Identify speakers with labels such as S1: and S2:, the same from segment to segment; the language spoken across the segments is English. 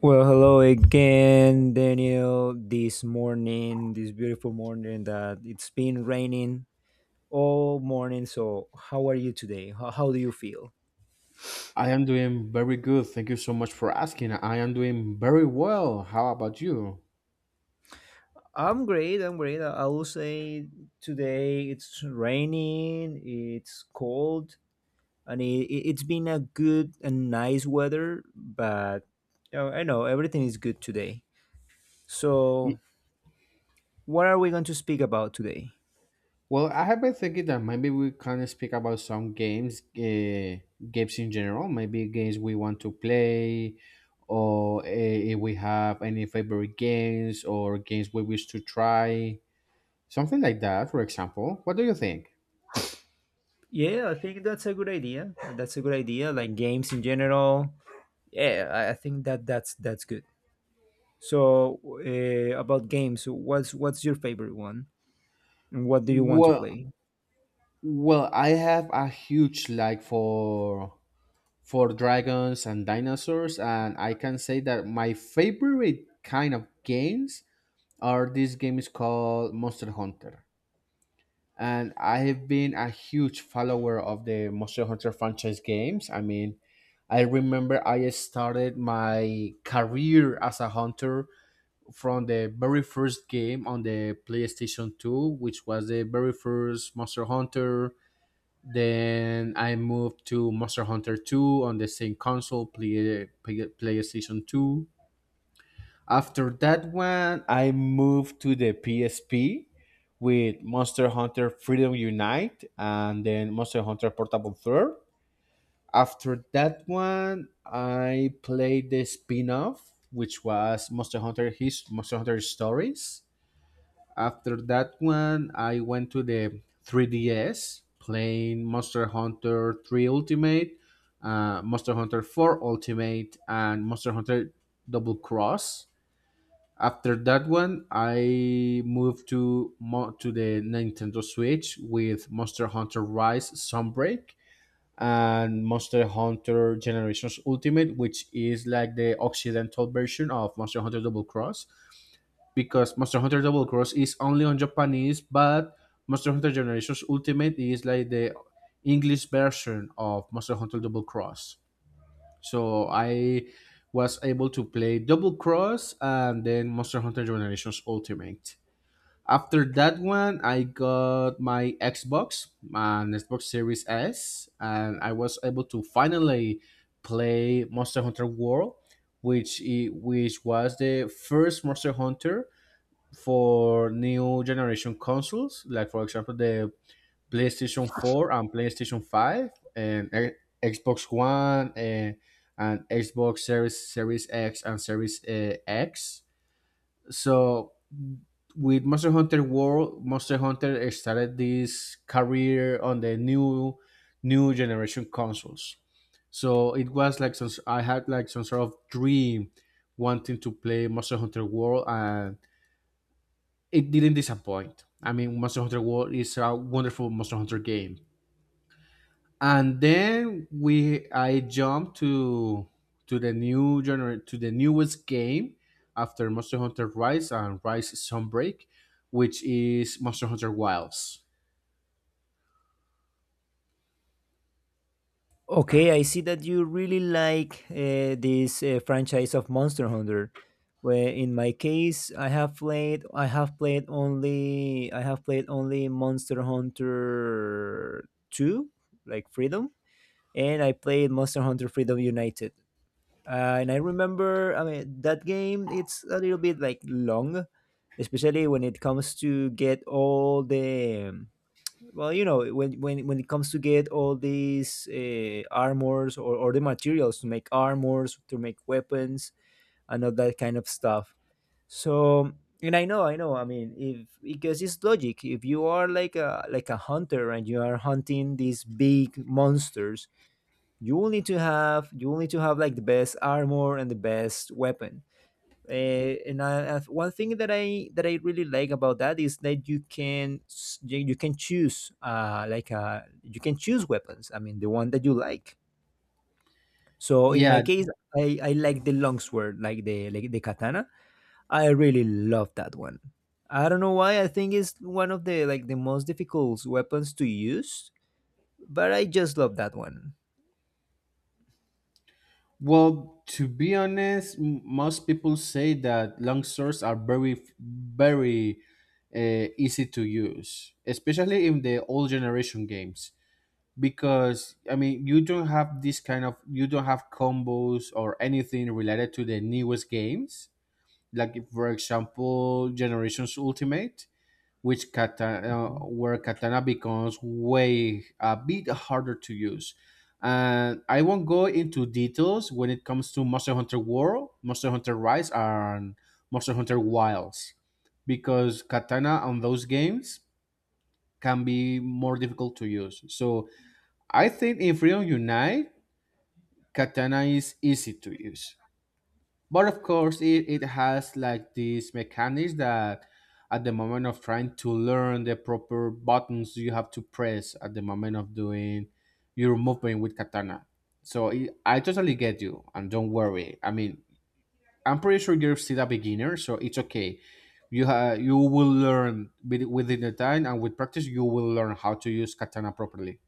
S1: Well, hello again, Daniel. This morning, this beautiful morning that it's been raining all morning. So, how are you today? How do you feel?
S2: I am doing very good. Thank you so much for asking. I am doing very well. How about you?
S1: I'm great. I'm great. I will say today it's raining, it's cold, and it's been a good and nice weather, but you know, I know everything is good today. So,
S2: Y-
S1: what are we going to speak about today?
S2: Well, I have been thinking that maybe we can speak about some games, games in general, maybe games we want to play, or if we have any favorite games or games we wish to try, something like that, for example. What do you think?
S1: Yeah, I think that's a good idea. That's a good idea. Like games in general. Yeah, I think that that's good. So about games, what's your favorite one, and what do you want to
S2: Well,
S1: play?
S2: well, I have a huge like for dragons and dinosaurs, and I can say that my favorite kind of games are this game is called Monster Hunter, and I have been a huge follower of the Monster Hunter franchise games. I remember I started my career as a hunter from the very first game on the PlayStation 2, which was the very first Monster Hunter. Then I moved to Monster Hunter 2 on the same console, PlayStation 2. After that one, I moved to the PSP with Monster Hunter Freedom Unite and then Monster Hunter Portable 3. After that one, I played the spin-off, which was Monster Hunter Stories. After that one, I went to the 3DS, playing Monster Hunter 3 Ultimate, Monster Hunter 4 Ultimate, and Monster Hunter Double Cross. After that one, I moved to to the Nintendo Switch with Monster Hunter Rise Sunbreak and Monster Hunter Generations Ultimate, which is like the Occidental version of Monster Hunter Double Cross, because Monster Hunter Double Cross is only on Japanese, but Monster Hunter Generations Ultimate is like the English version of Monster Hunter Double Cross. So I was able to play Double Cross and then Monster Hunter Generations Ultimate. After that one, I got my Xbox Series S, and I was able to finally play Monster Hunter World, which was the first Monster Hunter for new generation consoles, like for example the PlayStation 4 and PlayStation 5 and Xbox One and Xbox Series X and Series X. So with Monster Hunter World, Monster Hunter started this career on the new generation consoles. So it was like I had like some sort of dream wanting to play Monster Hunter World, and it didn't disappoint. I mean, Monster Hunter World is a wonderful Monster Hunter game. And I jumped to the to the newest game after Monster Hunter Rise and Rise Sunbreak, which is Monster Hunter Wilds.
S1: Okay, I see that you really like this franchise of Monster Hunter. Where in my case, I have played only Monster Hunter Two, like Freedom, and I played Monster Hunter Freedom United. And I remember, I mean, that game, it's a little bit like long, especially when it comes to get all the, well, you know, when it comes to get all these armors or the materials to make armors, to make weapons, and all that kind of stuff. So, and I mean, if, because it's logic, if you are like a hunter and you are hunting these big monsters, you will need to have like the best armor and the best weapon and one thing that I really like about that is that you can choose you can choose weapons. I mean, the one that you like. So in my
S2: Yeah,
S1: case, I like the longsword, like the katana. I really love that one. I don't know why. I think it's one of the most difficult weapons to use, but I just love that one.
S2: well, to be honest, most people say that long swords are very, very easy to use, especially in the old generation games, because I mean you don't have this kind of, you don't have combos or anything related to the newest games. Like if, for example, Generations Ultimate, which katana where katana becomes way a bit harder to use. And I won't go into details when it comes to Monster Hunter World, Monster Hunter Rise, and Monster Hunter Wilds, because katana on those games can be more difficult to use. So I think in Freedom Unite, Katana is easy to use. But of course, it has like this mechanics that at the moment of trying to learn the proper buttons you have to press at the moment of doing your movement with Katana. So I totally get you, and don't worry. I mean, I'm pretty sure you're still a beginner, so it's okay. You will learn within the time, and with practice, you will learn how to use Katana properly.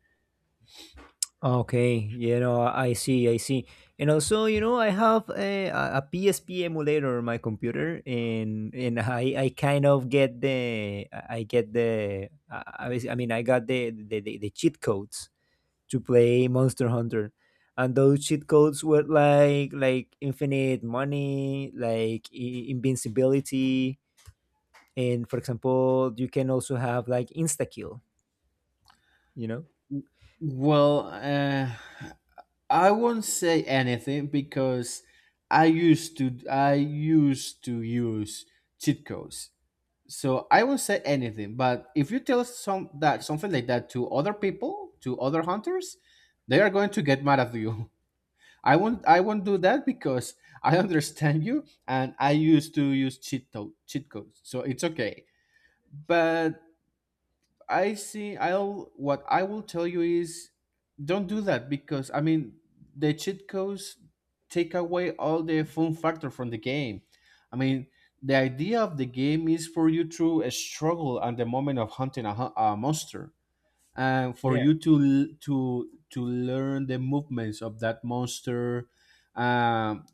S1: Okay, you know, I see, I see. And also, you know, I have a PSP emulator on my computer, and I kind of get the I was- I mean I got the cheat codes to play Monster Hunter, and those cheat codes were like infinite money, invincibility, and for example, you can also have like insta kill, you know.
S2: Well, I won't say anything because I used to use cheat codes. So I won't say anything, but if you tell something like that to other people, to other hunters, they are going to get mad at you. I won't do that because I understand you, and I used to use cheat codes. So it's okay. But I see. I'll what I will tell you is don't do that, because I mean the cheat codes take away all the fun factor from the game. I mean the idea of the game is for you to struggle at the moment of hunting a monster, and for you to to learn the movements of that monster, um,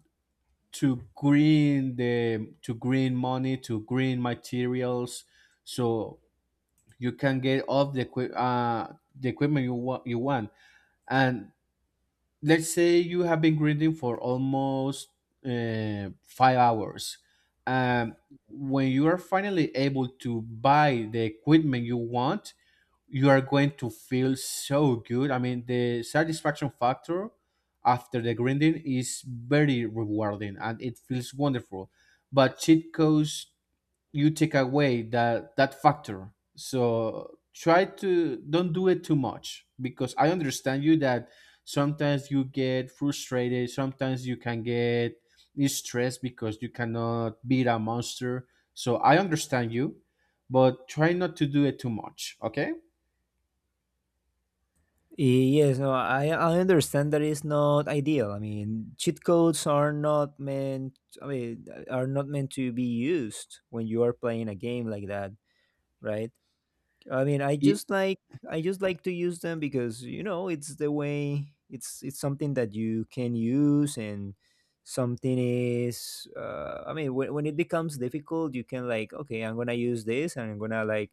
S2: to green the to green money, to green materials, so you can get all the the equipment you you want. And let's say you have been grinding for almost 5 hours. Um, when you are finally able to buy the equipment you want, you are going to feel so good. I mean, the satisfaction factor after the grinding is very rewarding and it feels wonderful. But cheat codes, you take away that factor, so try to don't do it too much, because I understand you that sometimes you get frustrated, sometimes you can get stressed because you cannot beat a monster. So I understand you, but try not to do it too much, okay?
S1: Yes, no, I understand that it's not ideal. I mean, cheat codes are not meant. I mean, are not meant to be used when you are playing a game like that, right? I mean, I
S2: Y-
S1: just like I just like to use them because you know it's the way. It's something that you can use and something is. I mean, when it becomes difficult, you can like okay, I'm gonna use this and I'm gonna like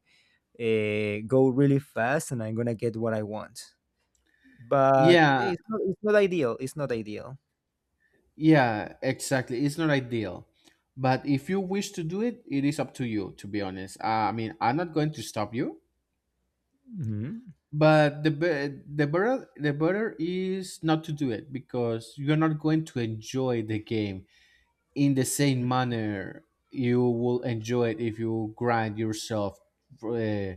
S1: go really fast and I'm gonna get what I want, but yeah,
S2: yeah,
S1: It's not ideal.
S2: yeah exactly, it's not ideal, but if you wish to do it, it is up to you, to be honest. I mean, I'm not going to stop you,
S1: Mm-hmm.
S2: but the better, is not to do it, because you're not going to enjoy the game in the same manner you will enjoy it if you grind yourself uh,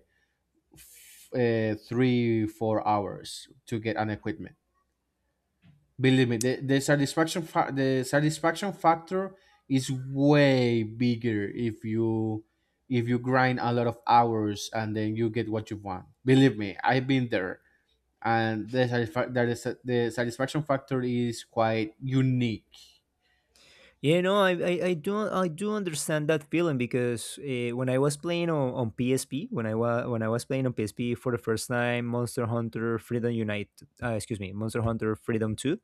S2: 3 4 hours to get an equipment. Believe me, the satisfaction factor is way bigger if you, if you grind a lot of hours, and then you get what you want. Believe me, I've been there, and the satisfaction factor is quite unique.
S1: Yeah, no, I do understand that feeling because when I was playing on PSP, when I was playing on PSP for the first time, Monster Hunter Freedom Unite, excuse me, Monster Hunter Freedom Two,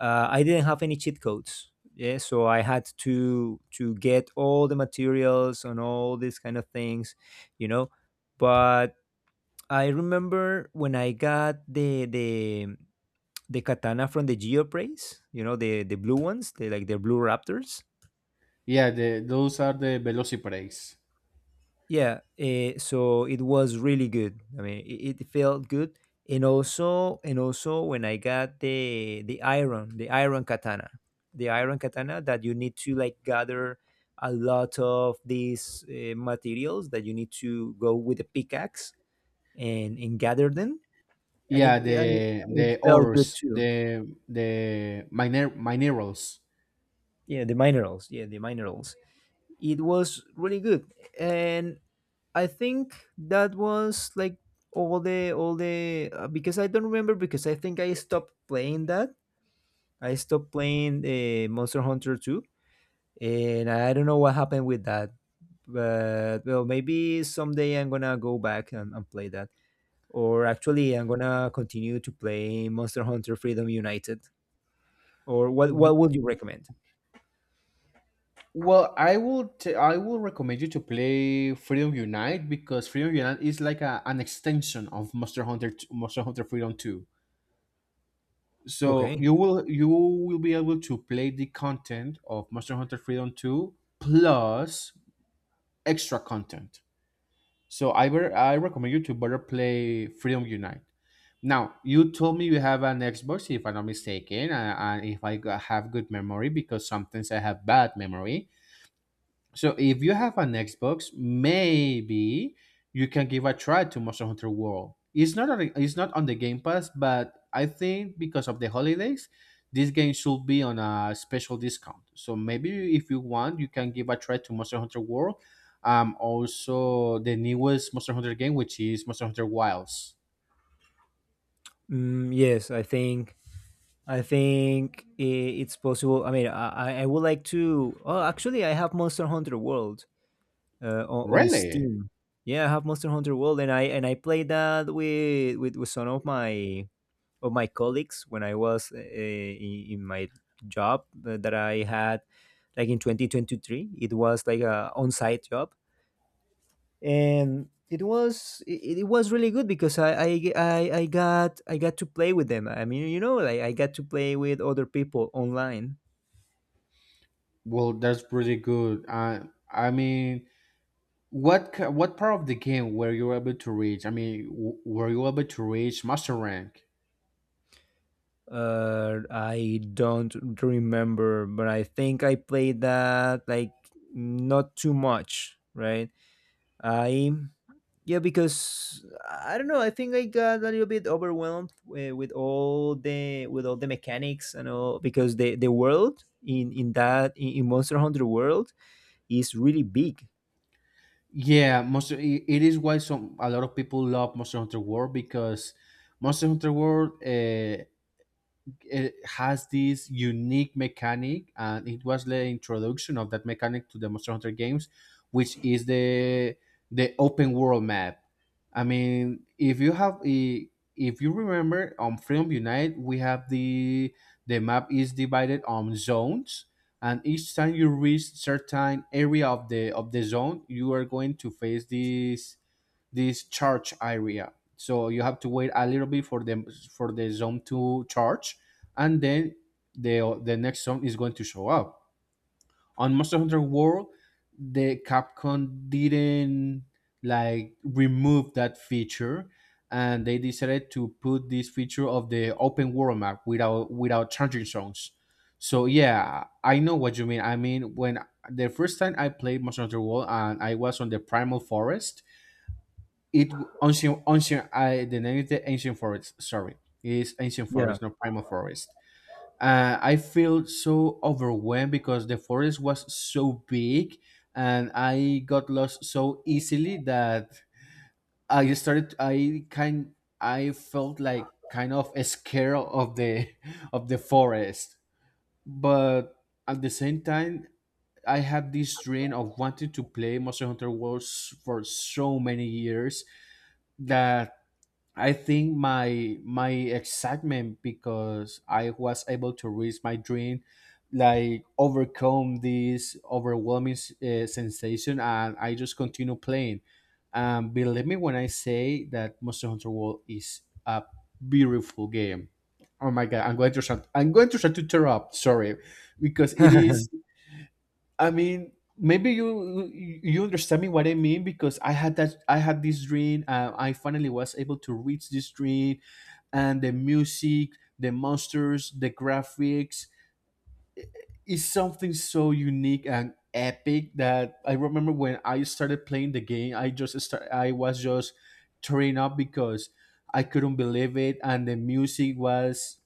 S1: I didn't have any cheat codes. Yeah, so I had to get all the materials and all these kind of things, you know. But I remember when I got the katana from the Geoprays, you know, the blue ones, the blue raptors.
S2: Yeah, the those are the velocity.
S1: Yeah, so it was really good. I mean, it felt good, and also when I got the iron katana that you need to like gather a lot of these materials that you need to go with a pickaxe and gather them, and
S2: Yeah,
S1: it
S2: the
S1: felt good
S2: ores,
S1: too.
S2: the minerals.
S1: Yeah, the minerals. Yeah, the minerals, it was really good. And I think that was like all the because I don't remember, because I think I stopped playing that. I stopped playing Monster Hunter 2, and I don't know what happened with that. But well, maybe someday I'm gonna go back and play that. Or actually, I'm gonna continue to play Monster Hunter Freedom United. Or what
S2: W-
S1: what would you recommend?
S2: Well, I will recommend you to play Freedom Unite, because Freedom Unite is like a, an extension of Monster Hunter Freedom Two. So
S1: Okay.
S2: you will be able to play the content of Monster Hunter Freedom Two plus extra content. So I recommend you to better play Freedom Unite. Now, you told me you have an Xbox, if I'm not mistaken, and if have good memory, because sometimes I have bad memory. So if you have an Xbox, maybe you can give a try to Monster Hunter World. It's not on the Game Pass, but I think because of the holidays, this game should be on a special discount. So maybe if you want, you can give a try to Monster Hunter World. Also the newest Monster Hunter game, which is Monster Hunter Wilds.
S1: Mm, yes, I think it's possible. I would like to. Oh, actually, I have Monster Hunter World on
S2: Really?
S1: Steam. Yeah, I have Monster Hunter World, and I played that with with some of my colleagues when I was in my job that I had like in 2023. It was like a on-site job, and it was really good because I got to play with them. I mean, you know, like I got to play with other people online.
S2: Well, that's pretty good. I mean, what part of the game were you able to reach? I mean, were you able to reach master rank?
S1: I don't remember, but I think I played that like not too much, right? I Yeah, because I don't know. I think I got a little bit overwhelmed with all the mechanics and all, because the world in Monster Hunter World is really big.
S2: Yeah, it is why some a lot of people love Monster Hunter World, because Monster Hunter World, uh, it has this unique mechanic, and it was the introduction of that mechanic to the Monster Hunter games, which is the open world map. I mean, if you remember, on Freedom Unite, we have the map is divided on zones, and each time you reach certain area of the zone, you are going to face this charge area. So you have to wait a little bit for them, for the zone to charge, and then the next zone is going to show up. On Monster Hunter World, the Capcom didn't like remove that feature, and they decided to put this feature of the open world map without charging zones. So yeah, I know what you mean. I mean, when the first time I played Monster Hunter World and I was on the primal forest, it ancient ancient I the name is the ancient forest. Sorry, it's ancient
S1: Yeah.
S2: forest, not primal forest. I feel so overwhelmed because the forest was so big, and I got lost so easily that I started. I felt like kind of scared of the of the forest, but at the same time, I had this dream of wanting to play Monster Hunter World for so many years, that I think my excitement, because I was able to reach my dream, like overcome this overwhelming sensation, and I just continue playing. Believe me when I say that Monster Hunter World is a beautiful game. Oh my god, I'm going to shut to tear up. Sorry, because it is, I mean, maybe you you understand me what I mean, because I had this dream. I finally was able to reach this dream, and the music, the monsters, the graphics, is something so unique and epic that I remember when I started playing the game, I just start. I was just tearing up because I couldn't believe it, and the music was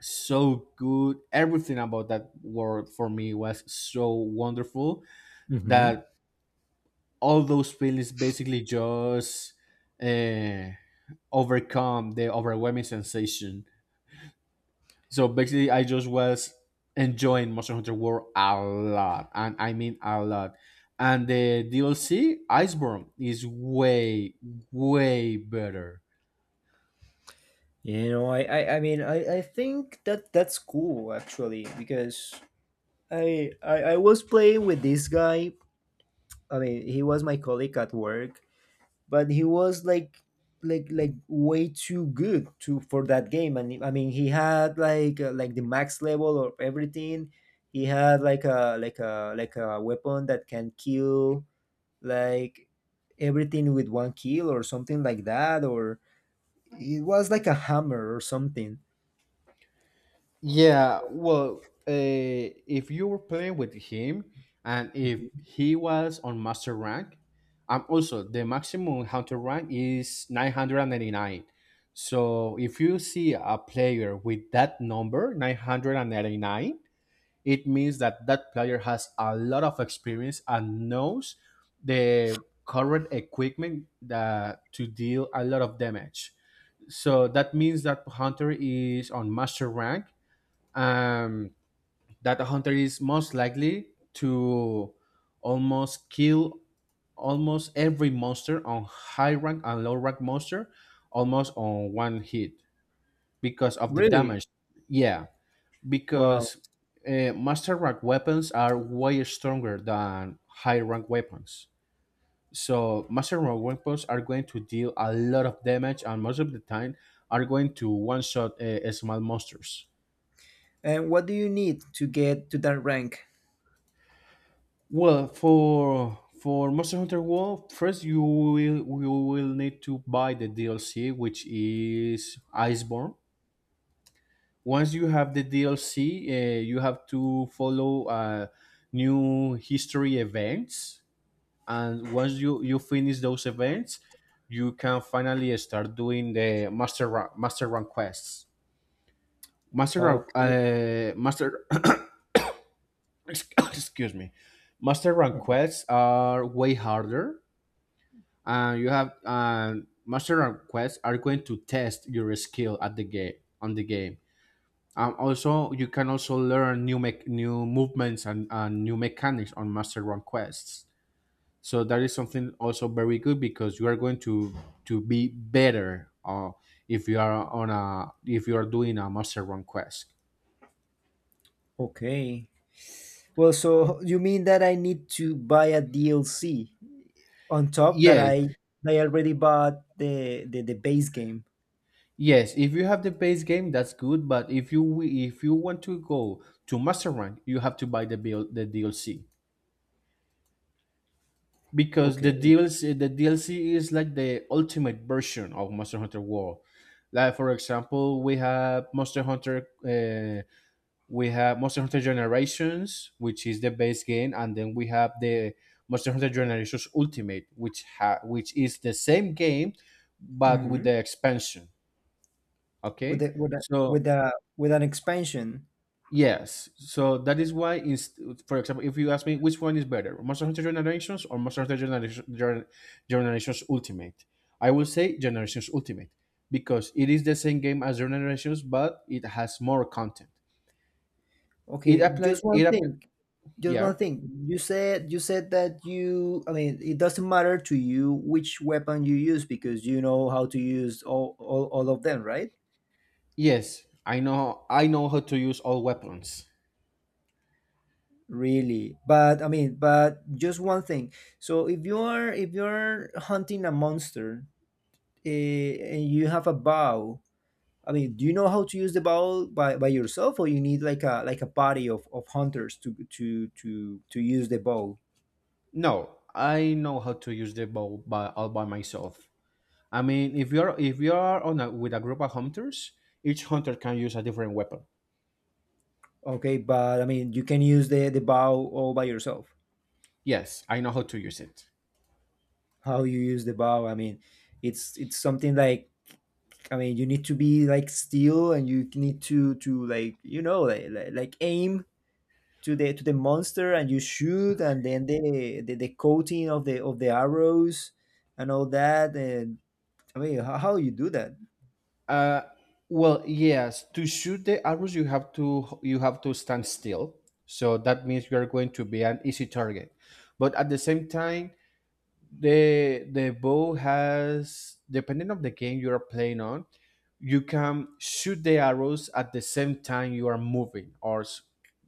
S2: so good. Everything about that world for me was so wonderful
S1: Hmm.
S2: that all those feelings basically just uh, overcome the overwhelming sensation. So basically, I just was enjoying Monster Hunter World a lot, and I mean a lot. And the DLC Iceborne is way, way better.
S1: You know, I think that that's cool actually because I was playing with this guy. I mean, he was my colleague at work, but he was way too good to for that game, and I mean he had like the max level of everything. He had like a like a like a weapon that can kill like everything with one kill or something like that, or it was like a hammer or something.
S2: Yeah, well, if you were playing with him and if
S1: Mhm.
S2: he was on master rank, also the maximum hunter rank is 999. So if you see a player with that number, 999, it means that that player has a lot of experience and knows the current equipment that to deal a lot of damage. So that means that Hunter is on master rank, um, that a hunter is most likely to almost kill almost every monster on high rank and low rank monster almost on one hit because of the
S1: Really.
S2: damage. Yeah,
S1: Wow.
S2: because master rank weapons are way stronger than high rank weapons. So master rank weapons are going to deal a lot of damage, and most of the time are going to one shot small monsters.
S1: And what do you need to get to that rank?
S2: Well, for Monster Hunter World, first you will need to buy the DLC, which is Iceborne. Once you have the DLC, you have to follow new history events, and once you finish those events, you can finally start doing the master rank quests. Master rank,
S1: Okay.
S2: master excuse me, master rank quests are way harder, and you have, master and quest are going to test your skill at the game, on the game. Also, you can also learn new movements and, new mechanics on master run quests, so that is something also very good because you are going to be better, if you are on a if you are doing a master run quest.
S1: Okay. Well, so you mean that I need to buy a DLC on top that
S2: Yes.
S1: I already bought the base game.
S2: Yes, if you have the base game, that's good, but if you want to go to master rank, you have to buy the DLC because
S1: Okay.
S2: the DLC the DLC is like the ultimate version of Monster Hunter World. Like for example, we have Monster Hunter Generations, which is the base game, and then we have the Monster Hunter Generations Ultimate, which is the same game but with the
S1: Hmm.
S2: expansion.
S1: With
S2: Okay,
S1: the, with a,
S2: so
S1: with a, with an expansion.
S2: yes, so that is why, for example, if you ask me which one is better, Monster Hunter Generations or Monster Hunter Generation, Generations Ultimate, I will say Generations Ultimate because it is the same game as Generations, but it has more content. It
S1: Okay,
S2: applies.
S1: just one thing. Just one
S2: Yeah.
S1: thing. You said that you, I mean, it doesn't matter to you which weapon you use because you know how to use all of them, right?
S2: Yes, I know. I know how to use all weapons.
S1: Really, but I mean, but just one thing. So if you are if you're hunting a monster, eh, and you have a bow, I mean, do you know how to use the bow by yourself, or you need like a party of hunters to use the bow?
S2: No, I know how to use the bow by, all by myself. I mean, if you are on a, with a group of hunters, each hunter can use a different weapon.
S1: Okay, but I mean, you can use the bow all by yourself.
S2: Yes, I know how to use it.
S1: How you use the bow? I mean, it's something like, I mean, you need to be like still, and you need to like you know like like aim to the monster, and you shoot, and then the coating of the arrows and all that, and I mean how you do that.
S2: Uh, well, yes. To shoot the arrows, you have to stand still. So that means you are going to be an easy target. But at the same time, the bow has, depending on the game you are playing on, you can shoot the arrows at the same time you are moving, or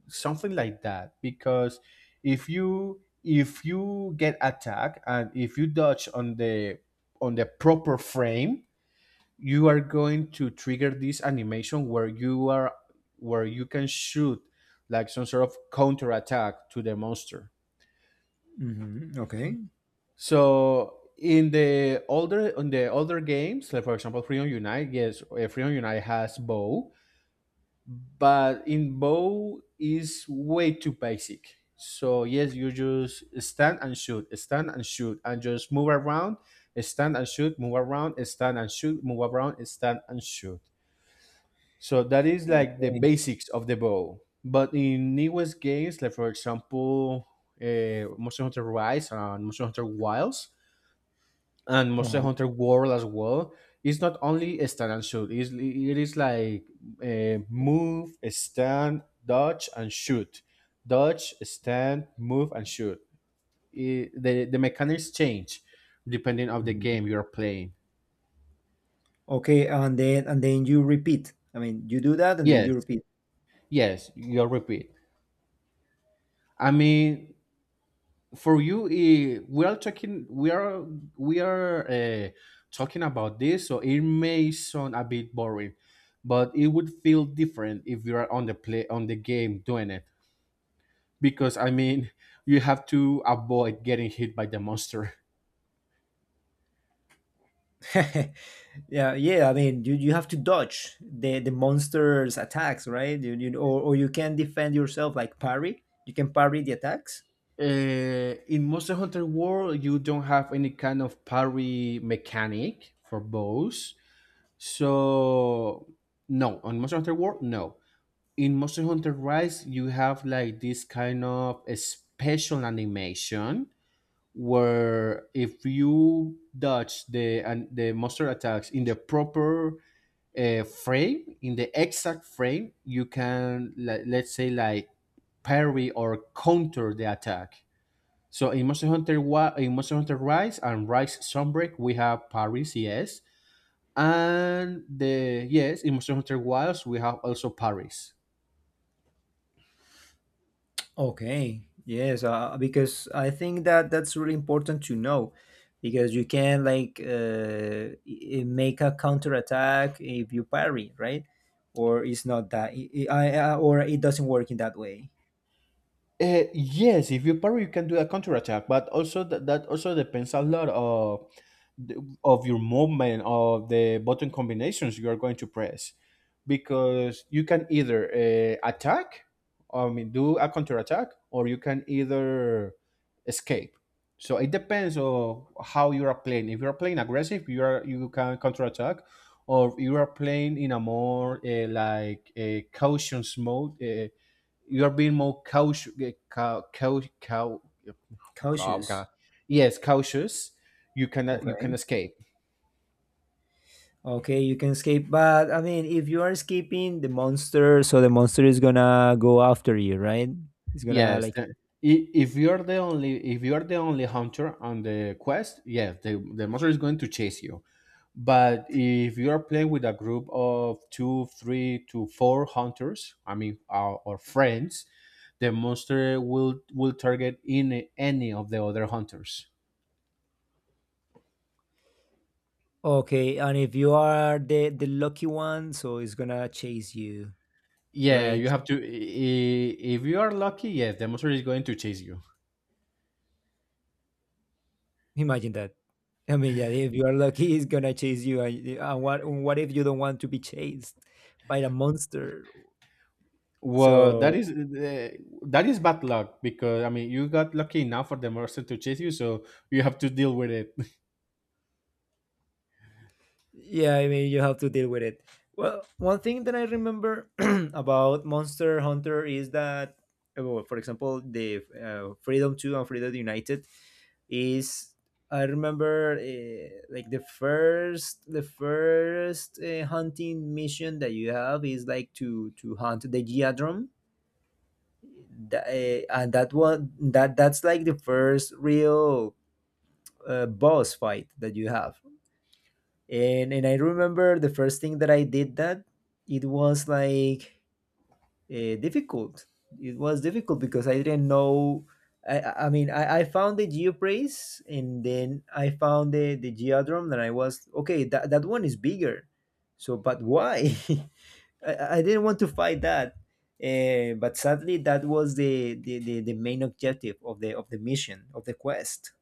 S2: something like that. Because if you get attacked, and if you dodge on the proper frame, you are going to trigger this animation where you can shoot like some sort of counter attack to the monster.
S1: Hmm. Okay.
S2: So in the older games, like for example, Freedom Unite, yes. Freedom Unite has bow, but in, bow is way too basic. So yes, you just stand and shoot, stand and shoot, and just move around, stand and shoot, move around, stand and shoot, move around, stand and shoot. So that is like the
S1: Okay.
S2: basics of the bow. But in newest games, like for example, Monster Hunter Rise and Monster Hunter Wilds and Monster
S1: Uh-huh.
S2: Hunter World as well, it's not only a stand and shoot. It is like, move, stand, dodge, and shoot. Dodge, stand, move, and shoot. It, the mechanics change depending of the
S1: Mhm.
S2: game you are playing.
S1: Okay, and then you repeat. I mean, you do that and then
S2: Yes,
S1: you repeat.
S2: yes, you'll repeat. I mean, for you, we are talking about this, so it may sound a bit boring, but it would feel different if you are on the play, on the game doing it, because I mean, you have to avoid getting hit by the monster.
S1: Yeah, yeah. I mean, you have to dodge the monster's attacks, right? Or you can defend yourself like parry. You can parry the attacks.
S2: In Monster Hunter World, you don't have any kind of parry mechanic for bows. So no. On Monster Hunter World, no. In Monster Hunter Rise, you have like this kind of a special animation where if you dodge the and the monster attacks in the proper frame, in the exact frame, you can, like, let's say, like parry or counter the attack. So in in Monster Hunter Rise and Rise Sunbreak, we have parries, yes, and the yes, in Monster Hunter Wilds we have also parries.
S1: Okay. Yes, because I think that that's really important to know, because you can like make a counter attack if you parry, right? Or it's not that, or it doesn't work in that way.
S2: Yes, if you parry, you can do a counterattack, but also that, also depends a lot of the, of your movement, of the button combinations you are going to press, because you can either, attack, I mean, do a counterattack, or you can either escape. So it depends on how you are playing. If you are playing aggressive, you can counterattack, or you are playing in a more, like a caution mode. You are being more cautious, cau- cau- cau- oh God.
S1: Cautious.
S2: Yes, cautious. You can escape.
S1: Okay, you can escape, but I mean, if you are escaping the monster, so the monster is gonna go after you, right? It's gonna
S2: Yes,
S1: like
S2: if you are the only if you are the only hunter on the quest, yes, the monster is going to chase you. But if you are playing with a group of two, three to four hunters, I mean, or friends, the monster will target in any of the other hunters.
S1: okay, and if you are the lucky one, so it's gonna chase you,
S2: Yeah,
S1: right?
S2: you have to. If you are lucky, yes, the monster is going to chase you.
S1: Imagine that. I mean, yeah, if you are lucky, it's gonna chase you, and what if you don't want to be chased by the monster?
S2: Well, that
S1: So
S2: is uh, that is bad luck, because I mean, you got lucky enough for the monster to chase you, so you have to deal with it.
S1: yeah, I mean, you have to deal with it. Well, one thing that I remember about Monster Hunter is that, well, for example, the Freedom 2 and Freedom United is, I remember, like the first hunting mission that you have is like to hunt the Geodrum. And that one, that that's like the first real boss fight that you have. And I remember the first thing that I did, that it was like difficult. It was difficult because I didn't know. I found the geopraise, and then I found the geodrum, and I was okay, that that one is bigger. So but why? I didn't want to fight that. But sadly, that was the main objective of the mission of the quest.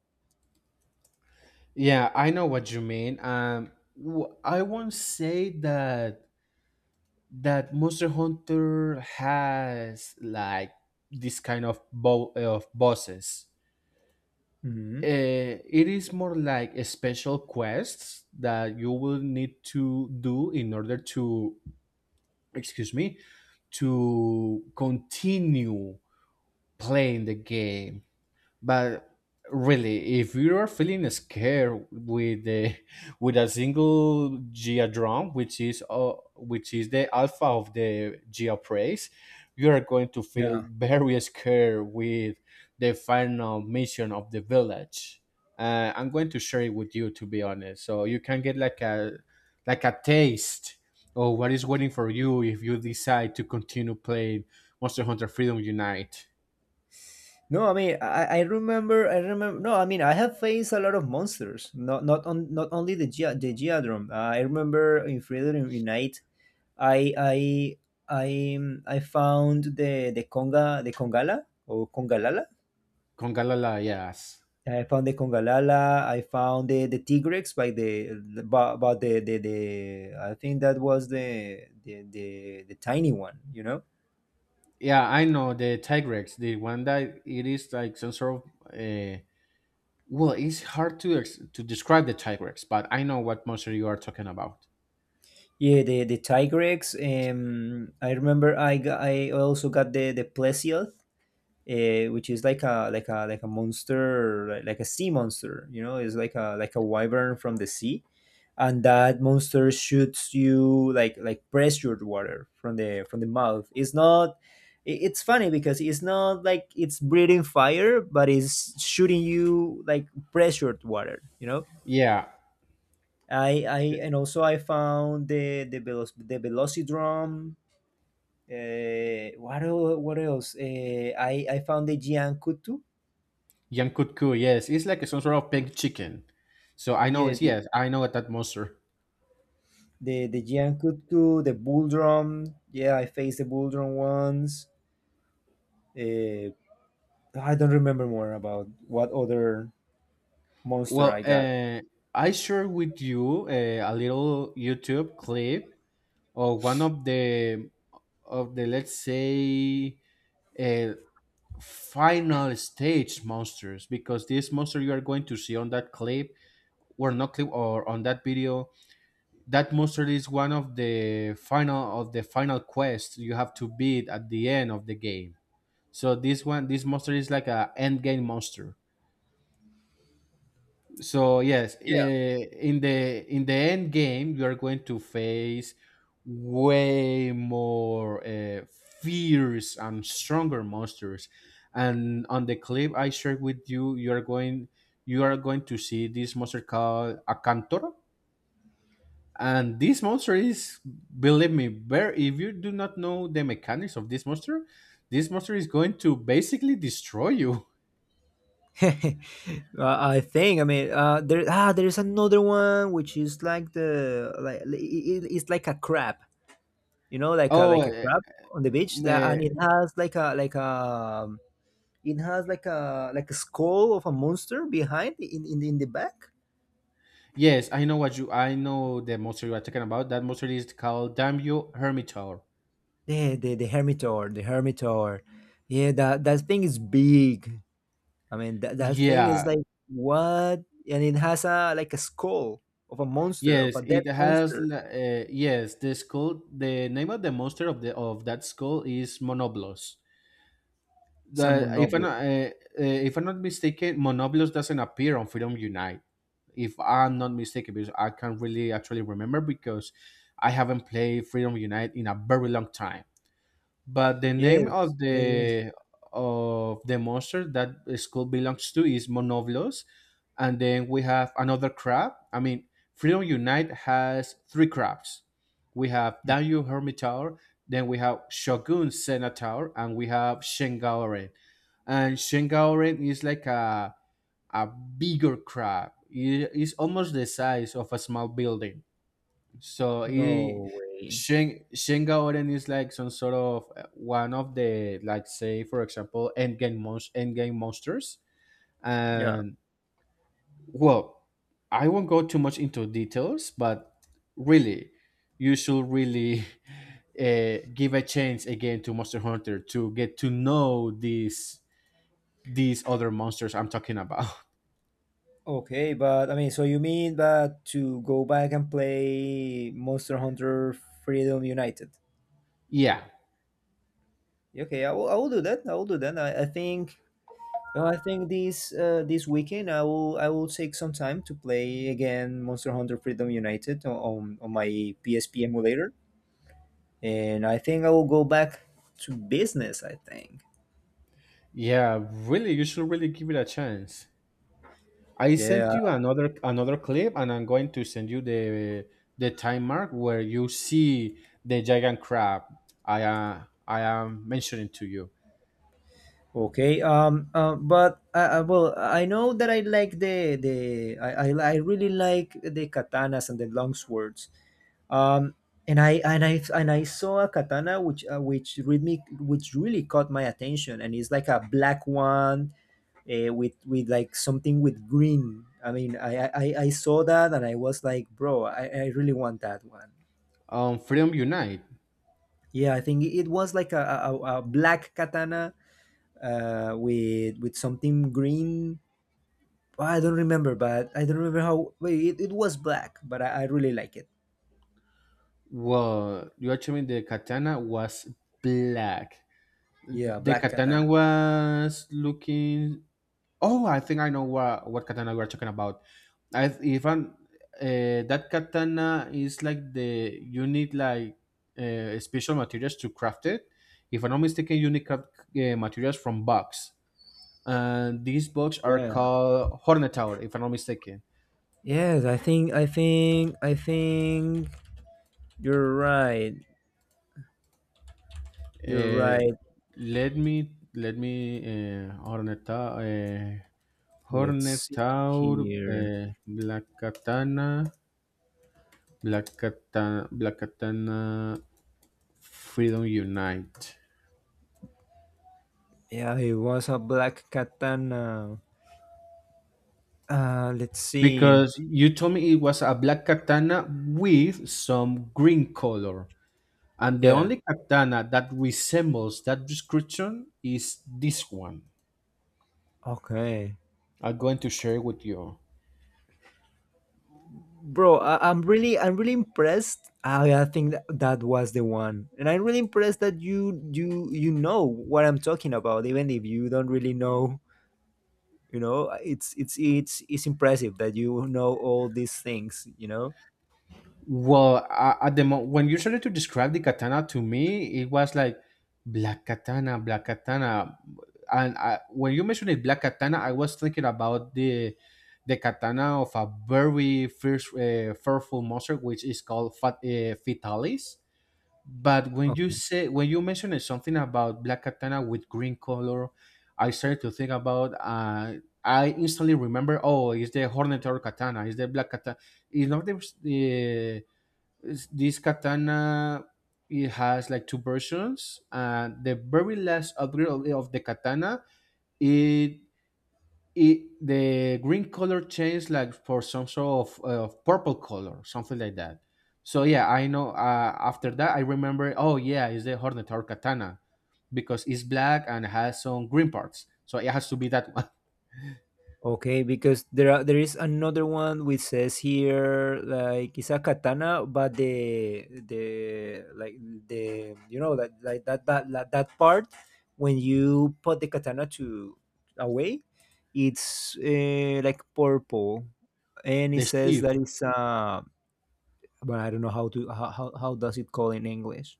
S2: Yeah, I know what you mean. I won't say that Monster Hunter has like this kind of of bosses.
S1: Mhm.
S2: It is more like a special quests that you will need to do in order to, excuse me, to continue playing the game. But really, if you are feeling scared with the with a single Gia drum, which is, the alpha of the Gia praise, you are going to feel very scared with the final mission of the village. I'm going to share it with you, to be honest, so you can get like a, like a taste of what is waiting for you if you decide to continue playing Monster Hunter Freedom Unite.
S1: No, I mean, I remember. No, I mean, I have faced a lot of monsters. Not only the Gia, the Geodrome. I remember in Freedom Unite, I, I, I found the congalala.
S2: Kongalala, yes.
S1: I found the congalala. I found the tigrex by the I think that was the tiny one. You know.
S2: Yeah, I know the Tigrex, the one that it is like some sort of. Well, it's hard to describe the Tigrex, but I know what monster you are talking about.
S1: Yeah, the Tigrex. I remember I got, I also got the Plesioth, which is like a sea monster. You know, it's like a wyvern from the sea, and that monster shoots you like pressured water from the mouth. It's not, it's funny because it's not like it's breathing fire, but it's shooting you like pressured water. You know.
S2: Yeah,
S1: I and also I found the velocidrome. What el- what else? I found the Jian.
S2: Yankuku. Yes, it's like some sort of pink chicken. So I know
S1: Yeah,
S2: it's
S1: the
S2: yes, I know that monster.
S1: the, the Gian Kutku, the bull drum. Yeah, I faced the bull drum once. Uh, I don't remember more about what other monster
S2: Well,
S1: I got.
S2: I share with you, a little YouTube clip of one of the let's say, uh, final stage monsters, because this monster you are going to see on that clip, or not clip, or on that video, that monster is one of the final quests you have to beat at the end of the game. So this monster is like a end game monster. So yes,
S1: Yeah.
S2: in the end game, you are going to face way more, fierce and stronger monsters. And on the clip I shared with you, you are going to see this monster called Akantor. And this monster is, believe me, very. If you do not know the mechanics of this monster is going to basically destroy you.
S1: I think. I mean, there ah, There's another one which is like it's like a crab. You know, like
S2: Oh,
S1: a crab on the beach, that, and
S2: uh,
S1: it has like a it has like a skull of a monster behind, in the back.
S2: yes, I know what you. I know the monster you are talking about. That monster is called Dambio Hermitaur.
S1: The the Hermitor. Yeah, that that thing is big. I mean, that thing is
S2: Yeah.
S1: like what? And it has a like a skull of a monster, of
S2: Yes,
S1: a dead
S2: it has.
S1: monster.
S2: Yes, the skull. The name of the monster of that skull is Monoblos.
S1: It's a
S2: The if I'm
S1: Monobo.
S2: not, uh, uh, if I'm not mistaken, Monoblos doesn't appear on Freedom Unite. If I'm not mistaken, because I can't really actually remember because I haven't played Freedom Unite in a very long time. But the name
S1: Yes, yes, yes.
S2: of the monster that the school belongs to is Monoblos, and then we have another crab. I mean, Freedom Unite has three crabs. We have Danyu Hermitaur, then we have Shogun Senator, and we have Shengaoren. And Shengaoren is like a bigger crab. It is almost the size of a small building, so he
S1: No way.
S2: Shin Gaoren is like some sort of one of the, like, say for example, endgame monsters.
S1: Yeah.
S2: And well I won't go too much into details, but really, you should really give a chance again to Monster Hunter to get to know these other monsters I'm talking about.
S1: Okay, but I mean, so you mean that to go back and play Monster Hunter Freedom United?
S2: Yeah.
S1: Yeah, okay, I will, I will do that. I think No, I think this weekend I will, take some time to play again Monster Hunter Freedom United on my PSP emulator, and I think I will go back to business. I think.
S2: Yeah, really, you should really give it a chance. I
S1: Yeah.
S2: sent you another clip, and I'm going to send you the time mark where you see the giant crab I am mentioning to you.
S1: Okay. But I know that I like the I really like the katanas and the long swords. Um. And I saw a katana which, which really caught my attention, and it's like a black one with like something with green. I mean, I saw that and I was like, bro, I really want that one.
S2: Freedom Unite.
S1: Yeah, I think it was like a black katana with something green. Oh, I don't remember, but I don't remember how. Wait, it was black, but I really like it.
S2: Well, you actually mean the katana was black.
S1: Yeah,
S2: The
S1: black katana.
S2: katana was looking. Oh, I think I know what katana we are talking about. If I'm that katana is like, the you need, like, special materials to craft it. If I'm not mistaken, you need craft, materials from bugs, and these bugs are
S1: Yeah.
S2: called hornetaur. If I'm not mistaken,
S1: Yes, I think you're right. You're
S2: uh,
S1: right.
S2: let me uh,
S1: Let's see
S2: hornetaur,
S1: here.
S2: black katana, black katana, black katana, Freedom Unite.
S1: Yeah, it was a black katana. Let's see.
S2: Because you told me it was a black katana with some green color. And the
S1: Yeah.
S2: only katana that resembles that description is this one.
S1: Okay.
S2: I'm going to share it with you.
S1: Bro, I'm really impressed. I think that, that was the one, and I'm really impressed that you know what I'm talking about, even if you don't really know. You know, it's impressive that you know all these things. You know.
S2: Well, at when you started to describe the katana to me, it was like black katana, and I, when you mentioned it, black katana, I was thinking about the katana of a very fierce, fearful monster, which is called Fatalis. But when you say, when you mentioned something about black katana with green color, I started to think about, I instantly remember, oh, it's the hornet or katana? Is the black katana? You know, there's the is this katana. It has like two versions, and the very last upgrade of the katana, it it the green color changed, like, for some sort of purple color, something like that. So yeah, I know, after that I remember, oh yeah, it's the hornet or katana because it's black and has some green parts, so it has to be that one.
S1: Okay, because there is another one which says here like it's a katana, but the like the you know that like that that that, that part when you put the katana to away, it's like purple, and it
S2: The
S1: says
S2: sheath.
S1: that it's but I don't know how to how does it call in English.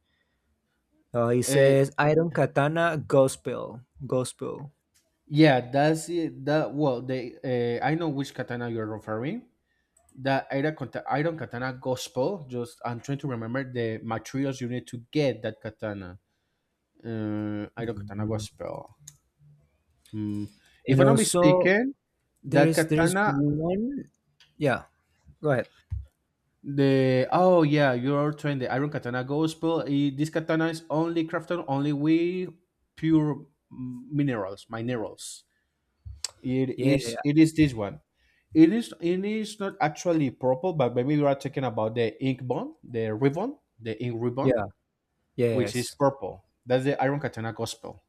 S1: It
S2: uh,
S1: says iron katana gospel gospel.
S2: yeah, that's it. That, well, the I know which katana you're referring. The Iron Katana Gospel. Just I'm trying to remember the materials you need to get that katana. Iron Katana
S1: Mhm.
S2: Gospel. Mm. If
S1: And
S2: I'm not
S1: also,
S2: mistaken,
S1: there
S2: that
S1: is
S2: katana,
S1: one. Yeah, go ahead.
S2: the oh yeah, you're trained the Iron Katana Gospel. This katana is only crafted only with pure minerals, minerals. It
S1: Yeah,
S2: is
S1: yeah,
S2: it is this one. It is not actually purple, but maybe you are talking about the ink bond, the ribbon, the ink ribbon,
S1: yeah,
S2: which is
S1: yes.
S2: purple. That's the Iron Katana Gospel.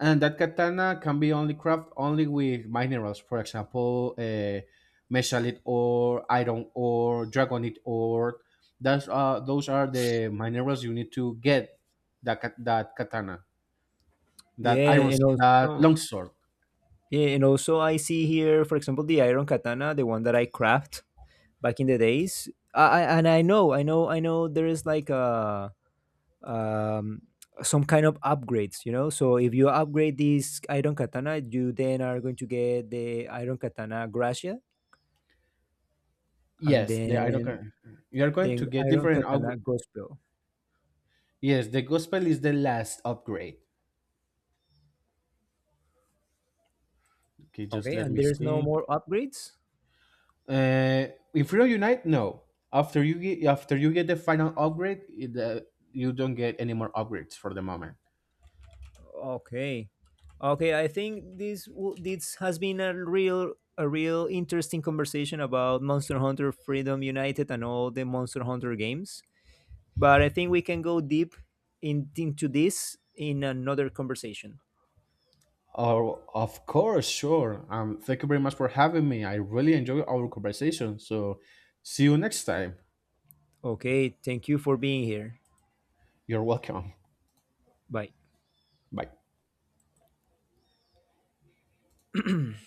S2: And that katana can be only crafted only with minerals, for example, mescalite ore, iron ore, dragonite ore. That's Those are the minerals you need to get that katana, that
S1: Yeah,
S2: iron,
S1: and
S2: that
S1: also,
S2: longsword.
S1: I see here, for example, the iron katana, the one that I craft back in the days. I and I know, I know, I know there is like a um some kind of upgrades, you know. So if you upgrade this iron katana, you then are going to get the iron katana gracia and
S2: Yes, the iron.
S1: then
S2: ka- You are going to get
S1: iron
S2: different
S1: katana gospel.
S2: yes, the gospel is the last upgrade. Okay, just
S1: Okay,
S2: let
S1: and
S2: me
S1: there's no
S2: see.
S1: more upgrades?
S2: Uh, in Freedom Unite, no. After you get the final upgrade, you don't get any more upgrades for the moment.
S1: Okay, okay. I think this has been a real interesting conversation about Monster Hunter Freedom United and all the Monster Hunter games. But I think we can go deep into this in another conversation.
S2: Oh, of course, sure. Thank you very much for having me. I really enjoy our conversation. So, see you next time.
S1: Okay, thank you for being here.
S2: You're welcome.
S1: Bye.
S2: Bye.